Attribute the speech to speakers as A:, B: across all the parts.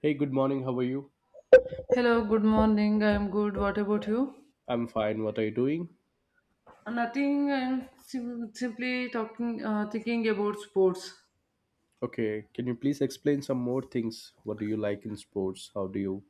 A: Hey, good morning. How are you?
B: Hello, good morning. I'm good. What about you?
A: I'm fine. What are you doing?
B: Nothing. I'm simply talking, thinking about sports.
A: Okay, can you please explain some more things? What do you like in sports? How do you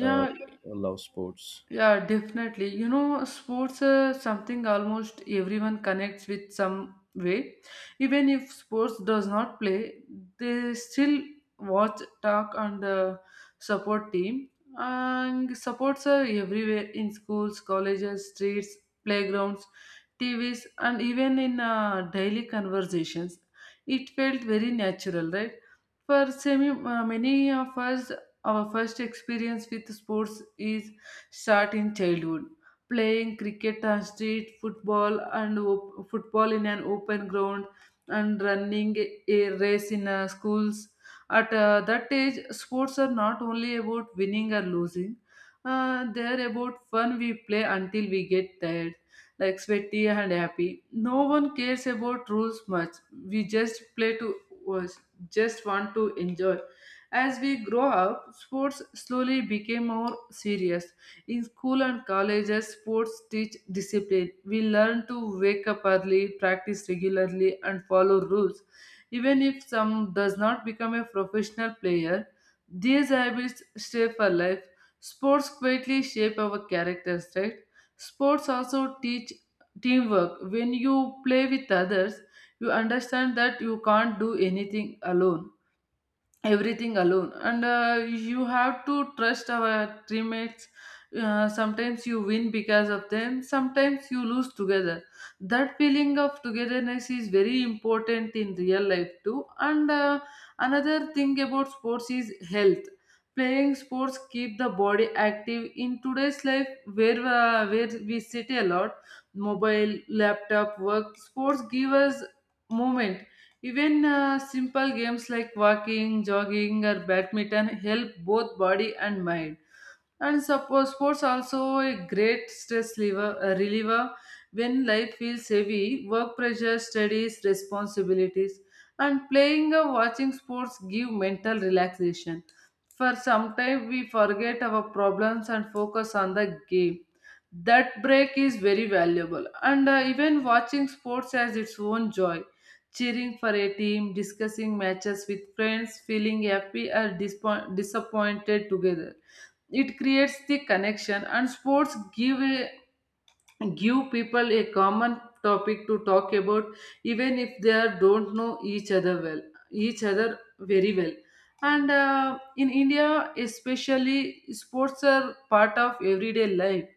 A: uh, love sports?
B: Yeah, definitely. You know, sports something almost everyone connects with some way. Even if sports does not play, they still watch, talk, and support team. And supports are everywhere in schools, colleges, streets, playgrounds, TVs, and even in daily conversations. It felt very natural, right? For many of us, our first experience with sports is start in childhood. Playing cricket and street football and football in an open ground and running a race in schools. At that age, sports are not only about winning or losing. They are about fun we play until we get tired, like sweaty and happy. No one cares about rules much. We just play to was just want to enjoy. As we grow up, sports slowly became more serious. In school and colleges, sports teach discipline. We learn to wake up early, practice regularly, and follow rules. Even if some does not become a professional player, these habits stay for life. Sports quietly shape our characters, right? Sports also teach teamwork. When you play with others, you understand that you can't do anything alone everything alone, and you have to trust our teammates. Sometimes you win because of them, sometimes you lose together. That feeling of togetherness is very important in real life too. And another thing about sports is health. Playing sports keep the body active in today's life, where where we sit a lot. Mobile, laptop work, sports give us movement. Even simple games like walking, jogging, or badminton help both body and mind. And suppose sports also a great stress reliever when life feels heavy, work pressure, studies, responsibilities, and playing or watching sports give mental relaxation. For sometimes we forget our problems and focus on the game. That break is very valuable, and even watching sports has its own joy. Cheering for a team, discussing matches with friends, feeling happy or disappointed together, it creates the connection. And sports give people a common topic to talk about, even if they are don't know each other very well. And in India especially, sports are part of everyday life.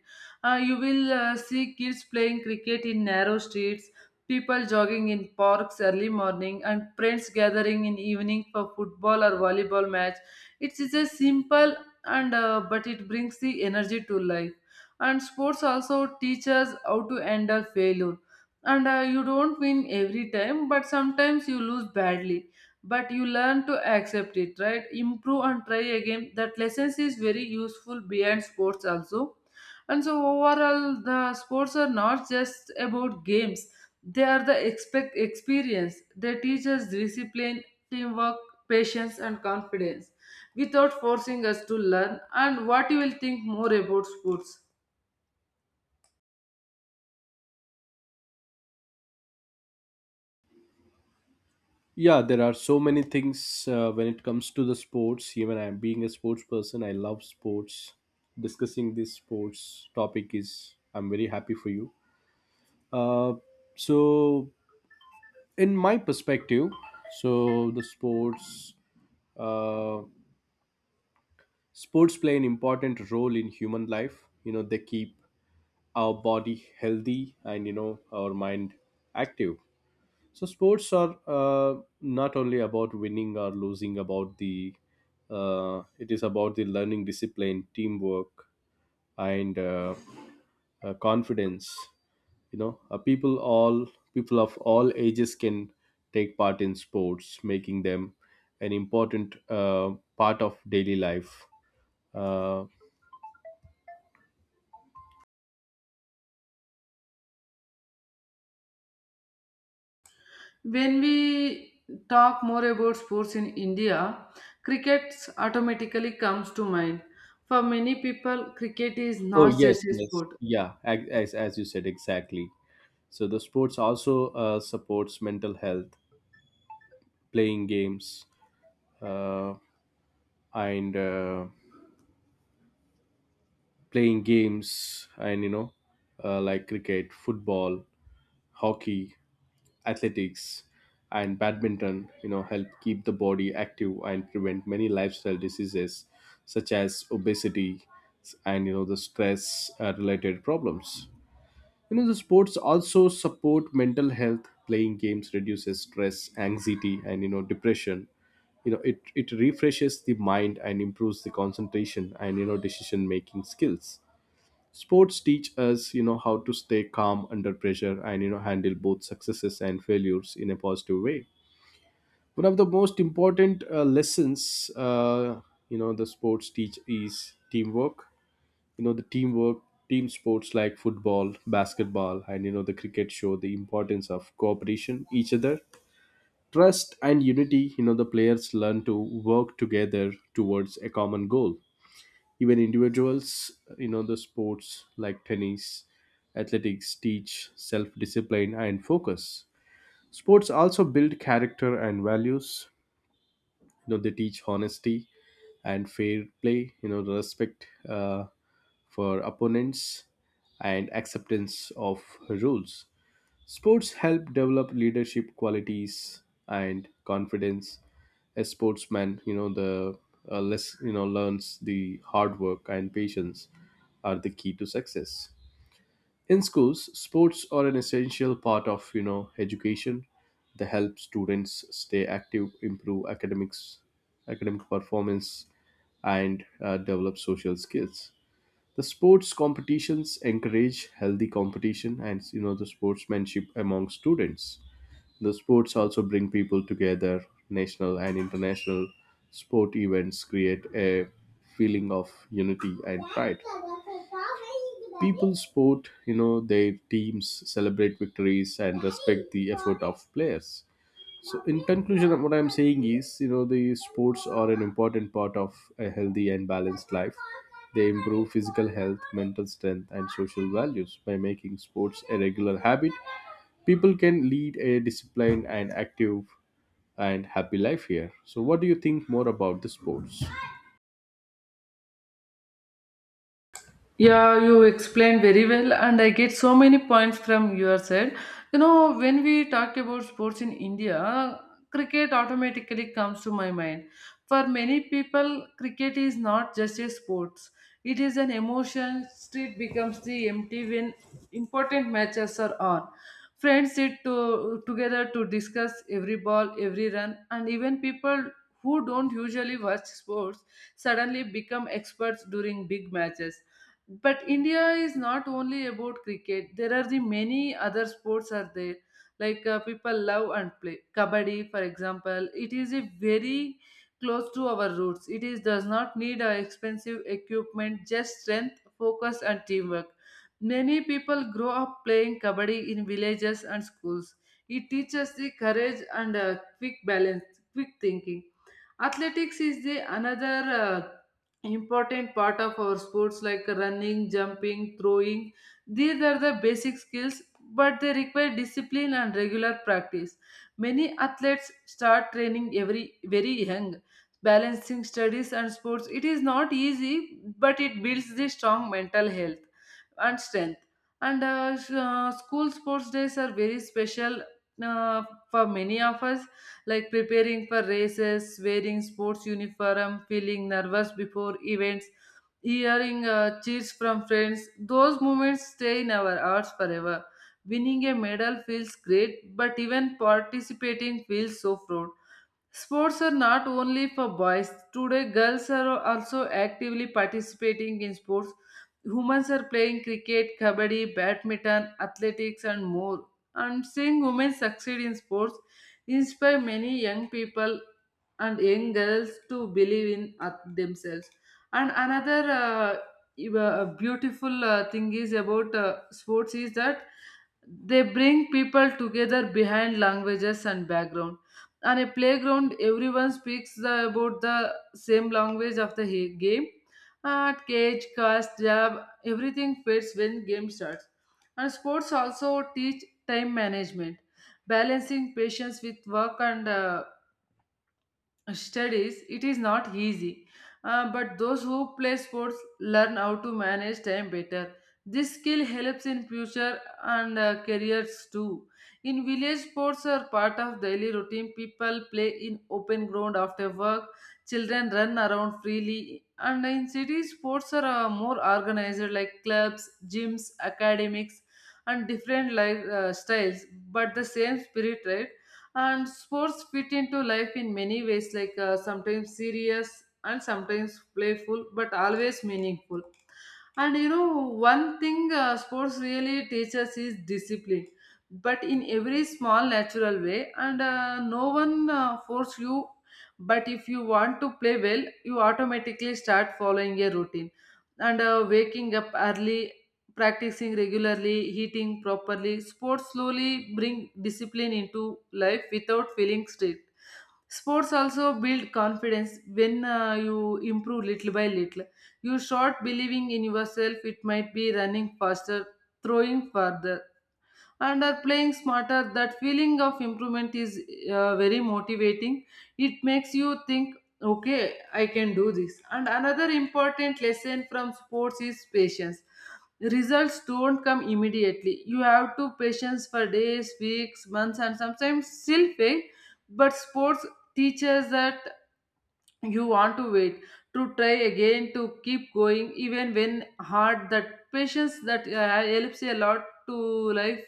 B: You will see kids playing cricket in narrow streets, people jogging in parks early morning, and friends gathering in evening for football or volleyball match. It is a simple, and but it brings the energy to life. And sports also teach us how to handle failure. And you don't win every time, but sometimes you lose badly. But you learn to accept it, right, improve and try again. That lessons is very useful behind sports also. And so overall, the sports are not just about games, they are the expect experience. They teach us discipline, teamwork, patience, and confidence without forcing us to learn. And what you will think more about sports?
A: Yeah, there are so many things when it comes to the sports. Even I'm being a sports person, I love sports. Discussing this sports topic is, I'm very happy for you. Uh, so, in my perspective, so the sports uh, sports play an important role in human life, you know. They keep our body healthy and, you know, our mind active. So sports are, not only about winning or losing, about the it is about the learning, discipline, teamwork, and confidence. you know uh, people all People of all ages can take part in sports, making them an important, part of daily life. uh,
B: When we talk more about sports in India, cricket automatically comes to mind. For many people, cricket is
A: oh
B: not
A: yes,
B: just a
A: yes,
B: sport.
A: yeah, as you said, exactly. So the sports also, supports mental health, playing games, uh, and uh, playing games, and, you know, like cricket, football, hockey, athletics, and badminton, you know, help keep the body active and prevent many lifestyle diseases such as obesity and, you know, the stress related problems. You know, the sports also support mental health. Playing games reduces stress, anxiety, and, you know, depression. You know, it refreshes the mind and improves the concentration and, you know, decision making skills. Sports teach us, you know, how to stay calm under pressure and, you know, handle both successes and failures in a positive way. One of the most important lessons, you know, the sports teach is teamwork. You know the teamwork Team sports like football, basketball, and, you know, the cricket show the importance of cooperation each other, trust, and unity. You know, the players learn to work together towards a common goal. Even individuals, you know, the sports like tennis, athletics teach self discipline and focus. Sports also build character and values. You know, they teach honesty and fair play, you know, respect for opponents and acceptance of rules. Sports help develop leadership qualities and confidence. A sportsman, you know, learns the hard work and patience are the key to success. In schools, sports are an essential part of, you know, education. They help students stay active, improve academic performance, and develop social skills. The sports competitions encourage healthy competition and, you know, the sportsmanship among students. The sports also bring people together. National and international sport events create a feeling of unity and pride. People sport, you know, their teams, celebrate victories, and respect the effort of players. So, in conclusion, what I'm saying is, you know, the sports are an important part of a healthy and balanced life. They improve physical health, mental strength, and social values. By making sports a regular habit, people can lead a disciplined and active and happy life here. So, what do you think more about the sports?
B: Yeah, you explained very well, and I get so many points from your side. You know, when we talk about sports in India, cricket automatically comes to my mind. For many people, cricket is not just a sport, it is an emotion. Street becomes the empty when important matches are on. Friends together to discuss every ball, every run, and even people who don't usually watch sports suddenly become experts during big matches. But India is not only about cricket. There are the many other sports are there. Like people love and play kabaddi, for example. It is a very close to our roots. It is does not need expensive equipment, just strength, focus, and teamwork. Many people grow up playing kabaddi in villages and schools. It teaches the courage and quick balance, quick thinking. Athletics is the another uh, important part of our sports, like running, jumping, throwing. These are the basic skills, but they require discipline and regular practice. Many athletes start training every very young. Balancing studies and sports, it is not easy, but it builds the strong mental health and strength. And school sports days are very special uh, for many of us, like preparing for races, wearing sports uniform, feeling nervous before events, hearing cheers from friends. Those moments stay in our hearts forever. Winning a medal feels great, but even participating feels so proud. Sports are not only for boys. Today, girls are also actively participating in sports. Humans are playing cricket, kabaddi, badminton, athletics, and more. And seeing women succeed in sports inspire many young people and young girls to believe in themselves. And another beautiful thing is about sports is that they bring people together behind languages and background. On a playground, everyone speaks about the same language of the game. At caste, job, everything fits when game starts. And sports also teach time management. Balancing patience with work and studies, it is not easy. But those who play sports learn how to manage time better. This skill helps in future and careers too. In village, sports are part of daily routine. People play in open ground after work. Children run around freely. And in cities, sports are more organized, like clubs, gyms, academics, and different life styles. But the same spirit, right? And sports fit into life in many ways, like sometimes serious and sometimes playful but always meaningful. And you know, one thing sports really teaches is discipline, but in every small natural way. And no one force you, but if you want to play well, you automatically start following a routine. And waking up early, practicing regularly, eating properly, sports slowly bring discipline into life without feeling strict. Sports also build confidence. When you improve little by little, you start believing in yourself. It might be running faster, throwing farther, and are playing smarter. That feeling of improvement is very motivating. It makes you think, okay, I can do this. And another important lesson from sports is patience. Results don't come immediately, you have to patience for days, weeks, months, and sometimes still fail. But sports teaches that you want to wait, to try again, to keep going even when hard. That patience, that helps a lot to life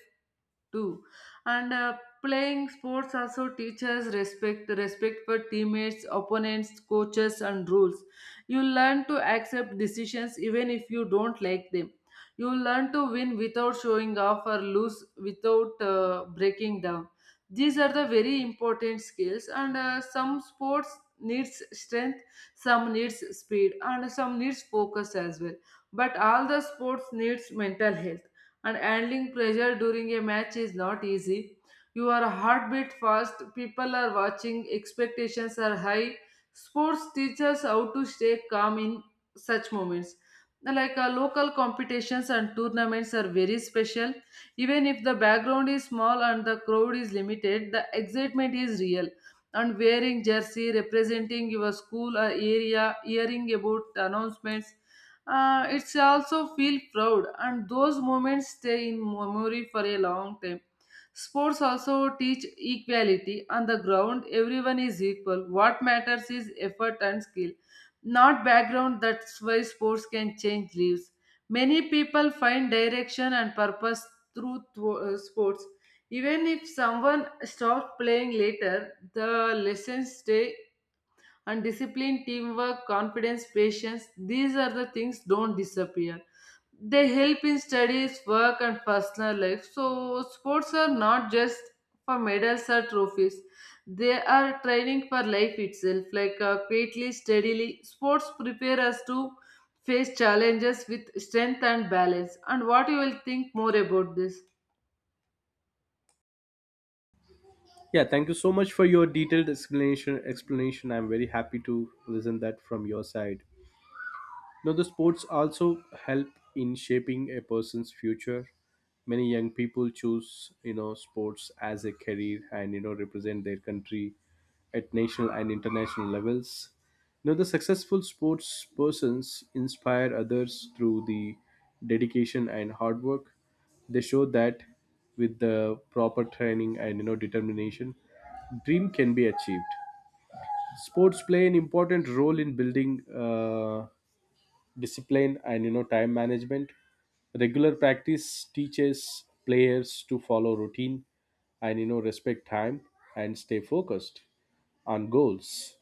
B: too. And playing sports also teaches respect. Respect for teammates, opponents, coaches, and rules. You learn to accept decisions even if you don't like them. You learn to win without showing off, or lose without breaking down. These are the very important skills. And some sports needs strength, some needs speed, and some needs focus as well, but all the sports needs mental health. And handling pressure during a match is not easy. Your heartbeat fast, people are watching, expectations are high. Sports teaches how to stay calm in such moments. Like local competitions and tournaments are very special. Even if the background is small and the crowd is limited, the excitement is real. And wearing jersey, representing your school or area, hearing about announcements, it's also feel proud. And those moments stay in memory for a long time. Sports also teach equality. On the ground, everyone is equal. What matters is effort and skill, not background. That's why sports can change lives. Many people find direction and purpose through sports. Even if someone stops playing later, the lessons stay. And discipline, teamwork, confidence, patience, these are the things don't disappear. They help in studies, work, and personal life. So sports are not just for medals or trophies, they are training for life itself. Like quietly, steadily, sports prepare us to face challenges with strength and balance. And what you will think more about this?
A: Yeah, thank you so much for your detailed explanation. Explanation. I'm very happy to listen that from your side. Now, the sports also help in shaping a person's future. Many young people choose, you know, sports as a career and, you know, represent their country at national and international levels. Now, the successful sports persons inspire others through the dedication and hard work. They show that with the proper training and, you know, determination, dream can be achieved. Sports play an important role in building. Discipline and, you know, time management. Regular practice teaches players to follow routine and, you know, respect time and stay focused on goals.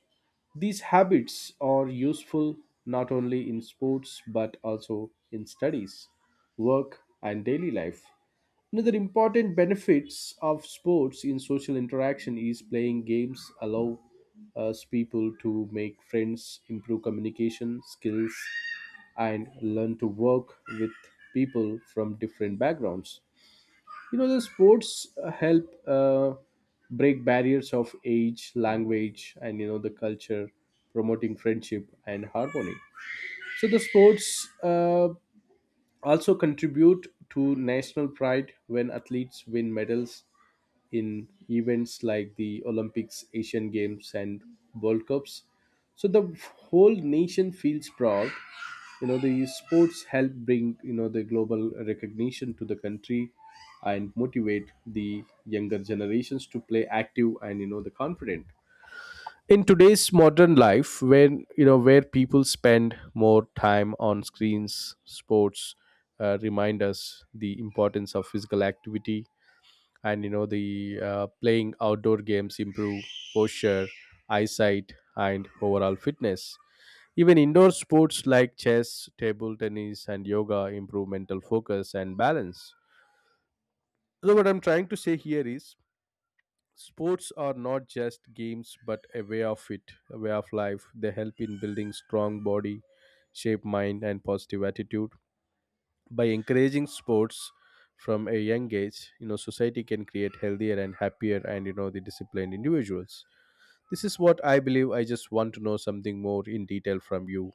A: These habits are useful not only in sports but also in studies, work, and daily life. Another important benefits of sports in social interaction is playing games allow us people to make friends, improve communication skills, and learn to work with people from different backgrounds. You know, the sports help break barriers of age, language, and, you know, the culture, promoting friendship and harmony. So the sports, also contribute to national pride when athletes win medals in events like the Olympics, Asian Games, and World Cups. So the whole nation feels proud. You know, the sports help bring, you know, the global recognition to the country and motivate the younger generations to play active and, you know, the confident in today's modern life, when, you know, where people spend more time on screens, sports remind us the importance of physical activity. And, you know, the playing outdoor games improve posture, eyesight, and overall fitness. Even indoor sports like chess, table tennis, and yoga improve mental focus and balance. So, what I'm trying to say here is, sports are not just games, but a way of life. They help in building strong body, shape mind, and positive attitude. By encouraging sports from a young age, you know, society can create healthier and happier and, you know, the disciplined individuals. This is what I believe. I just want to know something more in detail from you.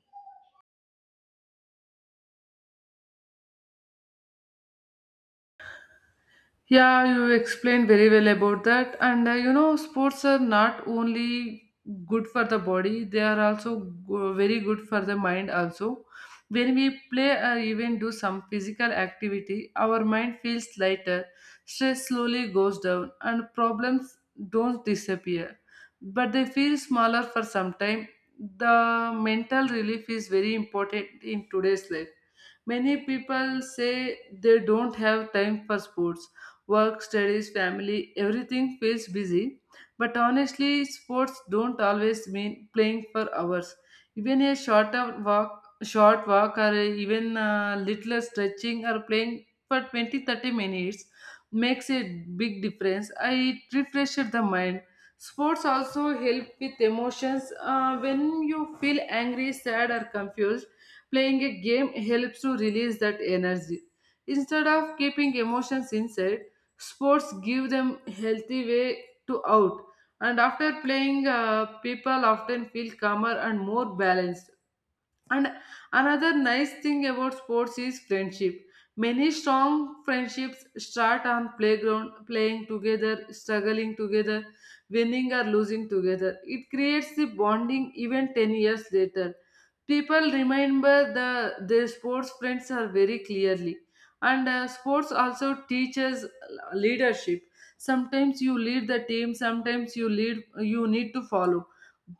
B: Yeah, you explained very well about that. And you know, sports are not only good for the body, they are also very good for the mind, also. When we play or even do some physical activity, our mind feels lighter, stress slowly goes down, and problems don't disappear. But they feel smaller for some time. The mental relief is very important in today's life. Many people say they don't have time for sports. Work, studies, family, everything feels busy. But honestly, sports don't always mean playing for hours. Even a short walk, or even little stretching or playing for 20, 30 minutes makes a big difference. I it refreshes the mind. Sports also help with emotions. When you feel angry, sad, or confused, playing a game helps to release that energy. Instead of keeping emotions inside, sports give them healthy way to out, and after playing, people often feel calmer and more balanced. And another nice thing about sports is friendship. Many strong friendships start on playground, playing together, struggling together, winning or losing together. It creates the bonding even 10 years later. People remember the their sports friends are very clearly. And Sports also teaches leadership. Sometimes you lead the team, sometimes you lead you need to follow.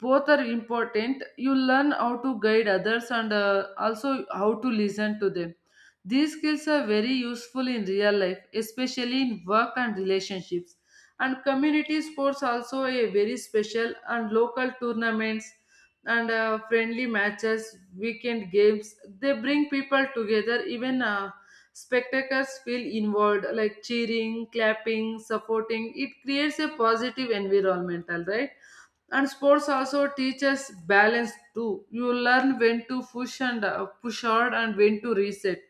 B: Both are important. You learn how to guide others and, also how to listen to them. These skills are very useful in real life, especially in work and relationships. And community sports also a very special, and local tournaments and friendly matches, weekend games, they bring people together. Even spectators feel involved, like cheering, clapping, supporting. It creates a positive environmental, right? And sports also teaches balance too. You learn when to push and, push hard, and when to reset,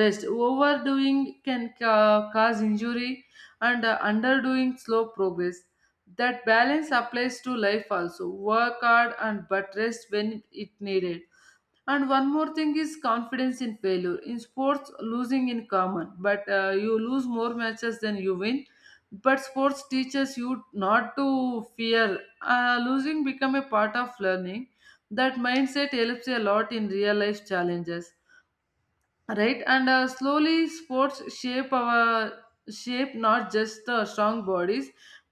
B: rest. Overdoing can cause injury, and underdoing slow progress. That balance applies to life also. Work hard and but rest when it needed. And one more thing is confidence in failure. In sports, losing in common, but you lose more matches than you win. But sports teaches you not to fear. Losing become a part of learning. That mindset helps a lot in real life challenges, right? and Slowly sports shape our shape not just the strong bodies,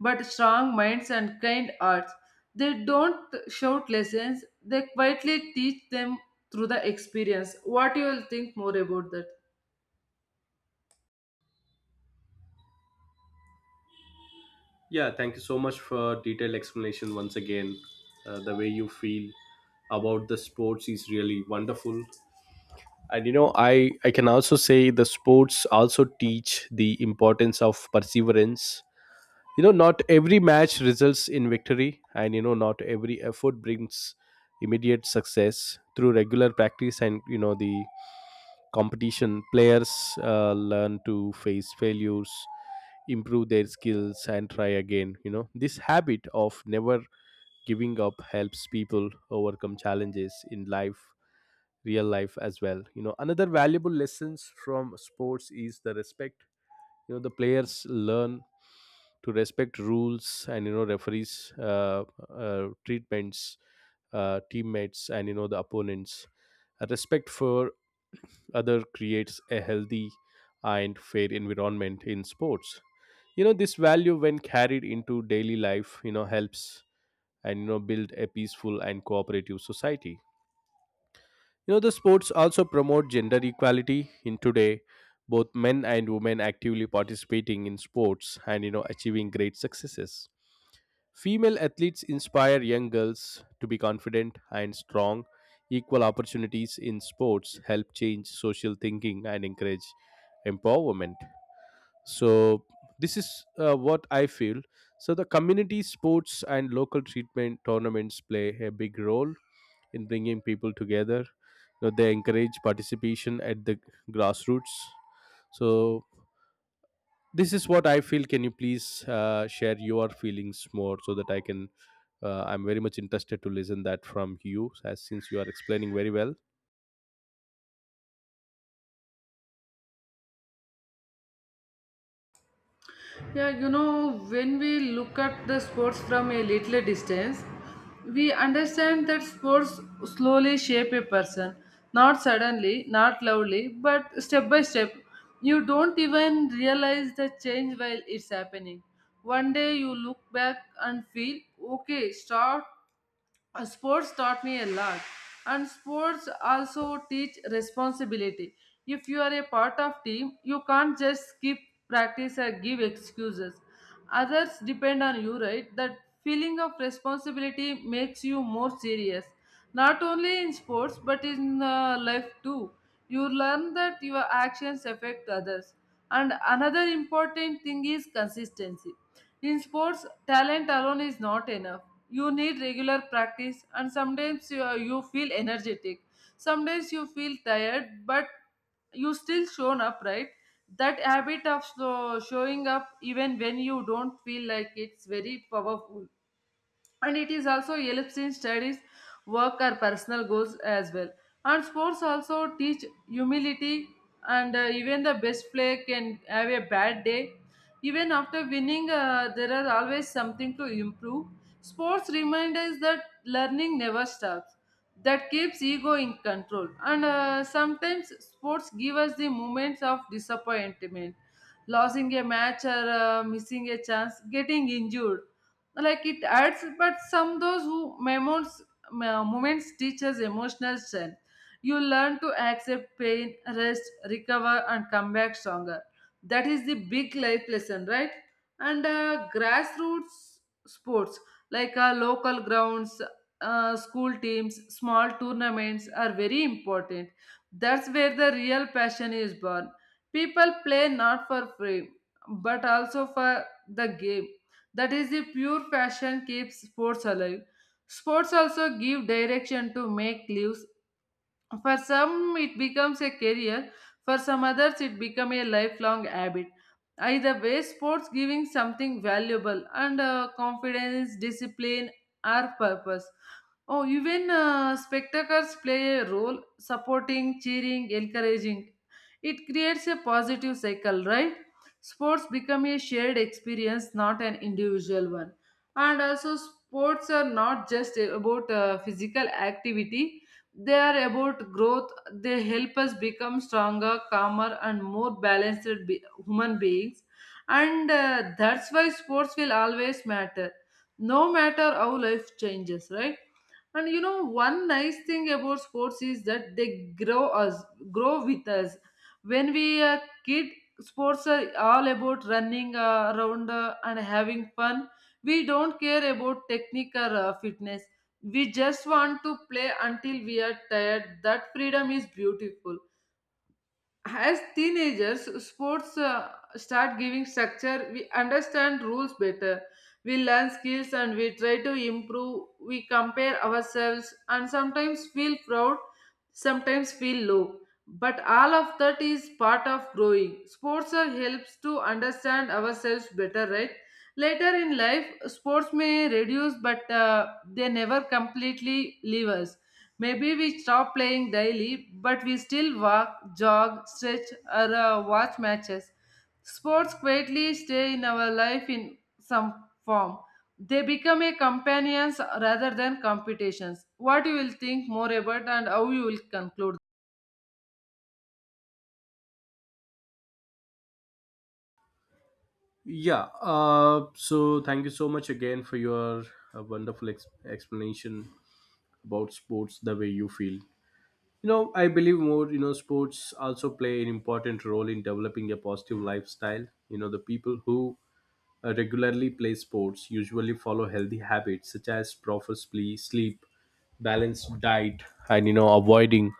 B: but strong minds and kind hearts. They don't shout lessons, they quietly teach them through the experience. What you will think more about that?
A: Yeah, thank you so much for detailed explanation once again. The way you feel about the sports is really wonderful, and you know, I can also say the sports also teach the importance of perseverance. You know, not every match results in victory, and, you know, not every effort brings immediate success. Through regular practice and, you know, the competition, players learn to face failures, improve their skills, and try again. You know, this habit of never giving up helps people overcome challenges in life, real life as well. You know, another valuable lessons from sports is the respect. You know, the players learn to respect rules and, you know, referees, treatments, teammates, and, you know, the opponents. Respect for other creates a healthy and fair environment in sports. You know, this value, when carried into daily life, you know, helps and, you know, build a peaceful and cooperative society. You know, the sports also promote gender equality in today. Both men and women actively participating in sports and, you know, achieving great successes. Female athletes inspire young girls to be confident and strong. Equal opportunities in sports help change social thinking and encourage empowerment. So this is what I feel. So the community sports and local treatment tournaments play a big role in bringing people together. You know, they encourage participation at the grassroots. So this is what I feel. Can you please share your feelings more so that I can? I'm very much interested to listen that from you, as since you are explaining very well.
B: Yeah, you know, when we look at the sports from a little distance, we understand that sports slowly shape a person, not suddenly, not loudly, but step by step. You don't even realize the change while it's happening. One day you look back and feel, okay, start, sports taught me a lot. And sports also teach responsibility. If you are a part of team, you can't just skip practice or give excuses. Others depend on you, right? That feeling of responsibility makes you more serious, not only in sports but in life too. You learn that your actions affect others. And another important thing is consistency. In sports, talent alone is not enough. You need regular practice, and sometimes you, you feel energetic. Sometimes you feel tired, but you still shown up, right? That habit of showing up even when you don't feel like it's very powerful, and it is also helps in studies, work or personal goals as well. And sports also teach humility, and even the best player can have a bad day. Even after winning, there are always something to improve. Sports remind us that learning never stops. That keeps ego in control. And Sometimes sports give us the moments of disappointment, losing a match or missing a chance, getting injured, like it adds. But some those who moments, moments teach us emotional strength. You learn to accept pain, rest, recover, and come back stronger. That is the big life lesson, right? and Grassroots sports, like local grounds, school teams, small tournaments, are very important. That's where the real passion is born. People play not for fame, but also for the game. That is the pure passion keeps sports alive. Sports also give direction to make lives. For some, it becomes a career. For some others, it becomes a lifelong habit. Either way, sports giving something valuable, and confidence, discipline, or purpose. Oh, even spectators play a role, supporting, cheering, encouraging. It creates a positive cycle, right? Sports become a shared experience, not an individual one. And also, sports are not just about physical activity, they are about growth. They help us become stronger, calmer, and more balanced human beings. And That's why sports will always matter, no matter how life changes, right? And you know, one nice thing about sports is that they grow with us. When we are kid, sports are all about running around and having fun. We don't care about technique or fitness. We just want to play until we are tired. That freedom is beautiful. As teenagers, sports start giving structure. We understand rules better. We learn skills and we try to improve. We compare ourselves and sometimes feel proud, sometimes feel low. But all of that is part of growing. Sports helps to understand ourselves better, right? Later in life, sports may reduce, but they never completely leave us. Maybe we stop playing daily, but we still walk, jog, stretch, or watch matches. Sports quietly stay in our life in some form. They become a companions rather than competitions. What you will think more about and how you will conclude?
A: Yeah. So thank you so much again for your wonderful explanation about sports, the way you feel. You know, I believe more. You know, sports also play an important role in developing a positive lifestyle. You know, the people who regularly play sports usually follow healthy habits such as proper sleep, balanced diet, and, you know, avoiding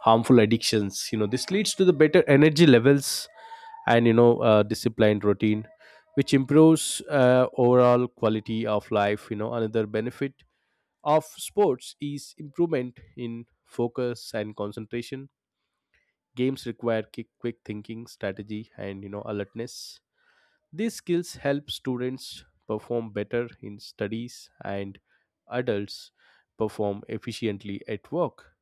A: harmful addictions. You know, this leads to the better energy levels and, you know, disciplined routine, which improves overall quality of life. You know, another benefit of sports is improvement in focus and concentration. Games require quick thinking, strategy, and, you know, alertness. These skills help students perform better in studies, and adults perform efficiently at work.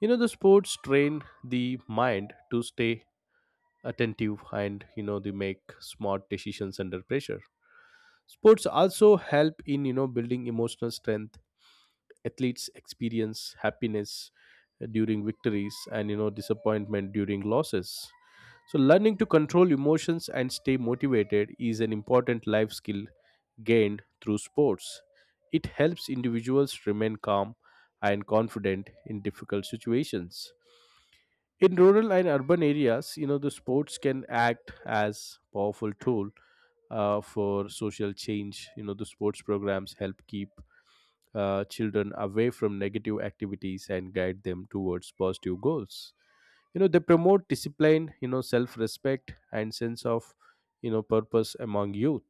A: You know, the sports train the mind to stay attentive and, you know, they make smart decisions under pressure. Sports also help in, you know, building emotional strength. Athletes experience happiness during victories and, you know, disappointment during losses. So, learning to control emotions and stay motivated is an important life skill gained through sports. It helps individuals remain calm and confident in difficult situations. In rural and urban areas, you know, the sports can act as powerful tool for social change. You know, the sports programs help keep children away from negative activities and guide them towards positive goals. You know, they promote discipline, you know, self-respect, and sense of, you know, purpose among youth.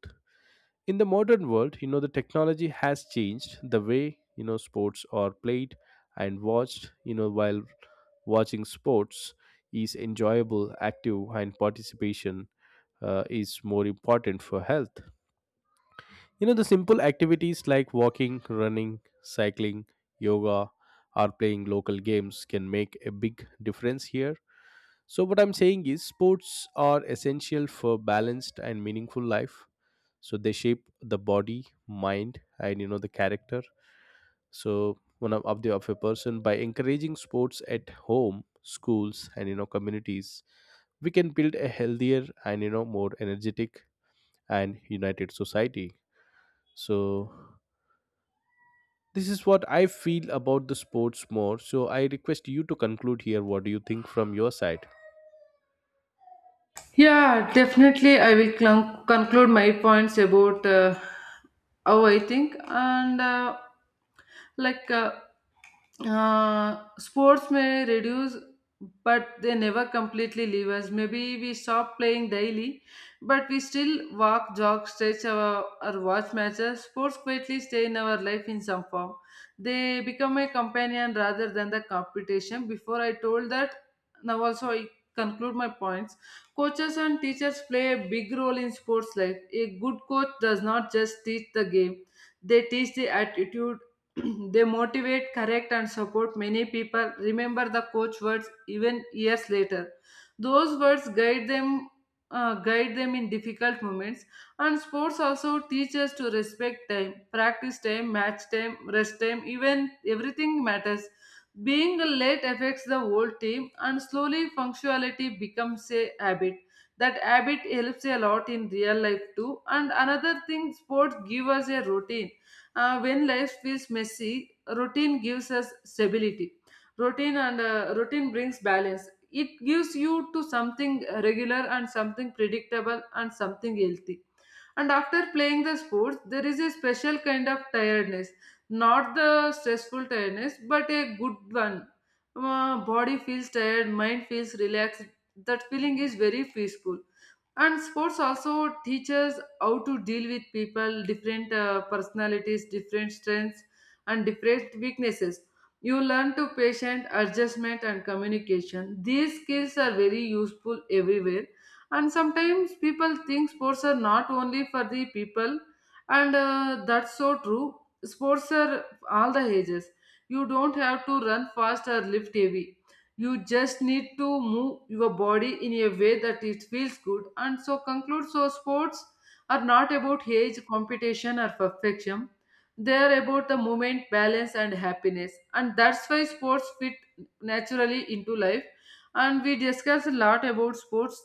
A: In the modern world, you know, the technology has changed the way, you know, sports are played and watched. You know, while watching sports is enjoyable, active and participation is more important for health. You know, the simple activities like walking, running, cycling, yoga, or playing local games can make a big difference here. So, what I'm saying is, sports are essential for balanced and meaningful life. So, they shape the body, mind, and, you know, the character. So, one of a person. By encouraging sports at home, schools, and, you know, communities, we can build a healthier and, you know, more energetic and united society. So, this is what I feel about the sports more. So I request you to conclude here. What do you think from your side?
B: Yeah, definitely. I will conclude my points about, how I think and, like uh, sports may reduce, but they never completely leave us. Maybe we stop playing daily, but we still walk, jog, stretch, or watch matches. Sports quietly stay in our life in some form. They become a companion rather than the competition. Before I told that, now also I conclude my points. Coaches and teachers play a big role in sports life. A good coach does not just teach the game, they teach the attitude, they motivate, correct, and support many people. Remember the coach words even years later. Those words guide them. Guide them in difficult moments. And sports also teach us to respect time, practice time, match time, rest time, even everything matters. Being late affects the whole team, and slowly punctuality becomes a habit. That habit helps a lot in real life too. And another thing, sports give us a routine. When life feels messy, routine gives us stability. Routine brings balance. It gives you to something regular and something predictable and something healthy. And after playing the sports, there is a special kind of tiredness, not the stressful tiredness but a good one. Body feels tired, mind feels relaxed. That feeling is very peaceful. And sports also teaches how to deal with people, different personalities, different strengths, and different weaknesses. You learn to patient, adjustment and communication. These skills are very useful everywhere. And sometimes people think sports are not only for the people, and that's so true. Sports are all the ages. You don't have to run fast or lift heavy. You just need to move your body in a way that it feels good. And so conclude, so sports are not about age, competition or perfection. They are about the movement, balance and happiness. And that's why sports fit naturally into life. And we discussed a lot about sports,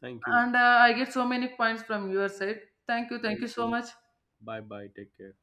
A: Thank you.
B: and I get so many points from your side. Thank you. Thank
A: Thank
B: you so
A: you.
B: much.
A: Bye bye. Take care.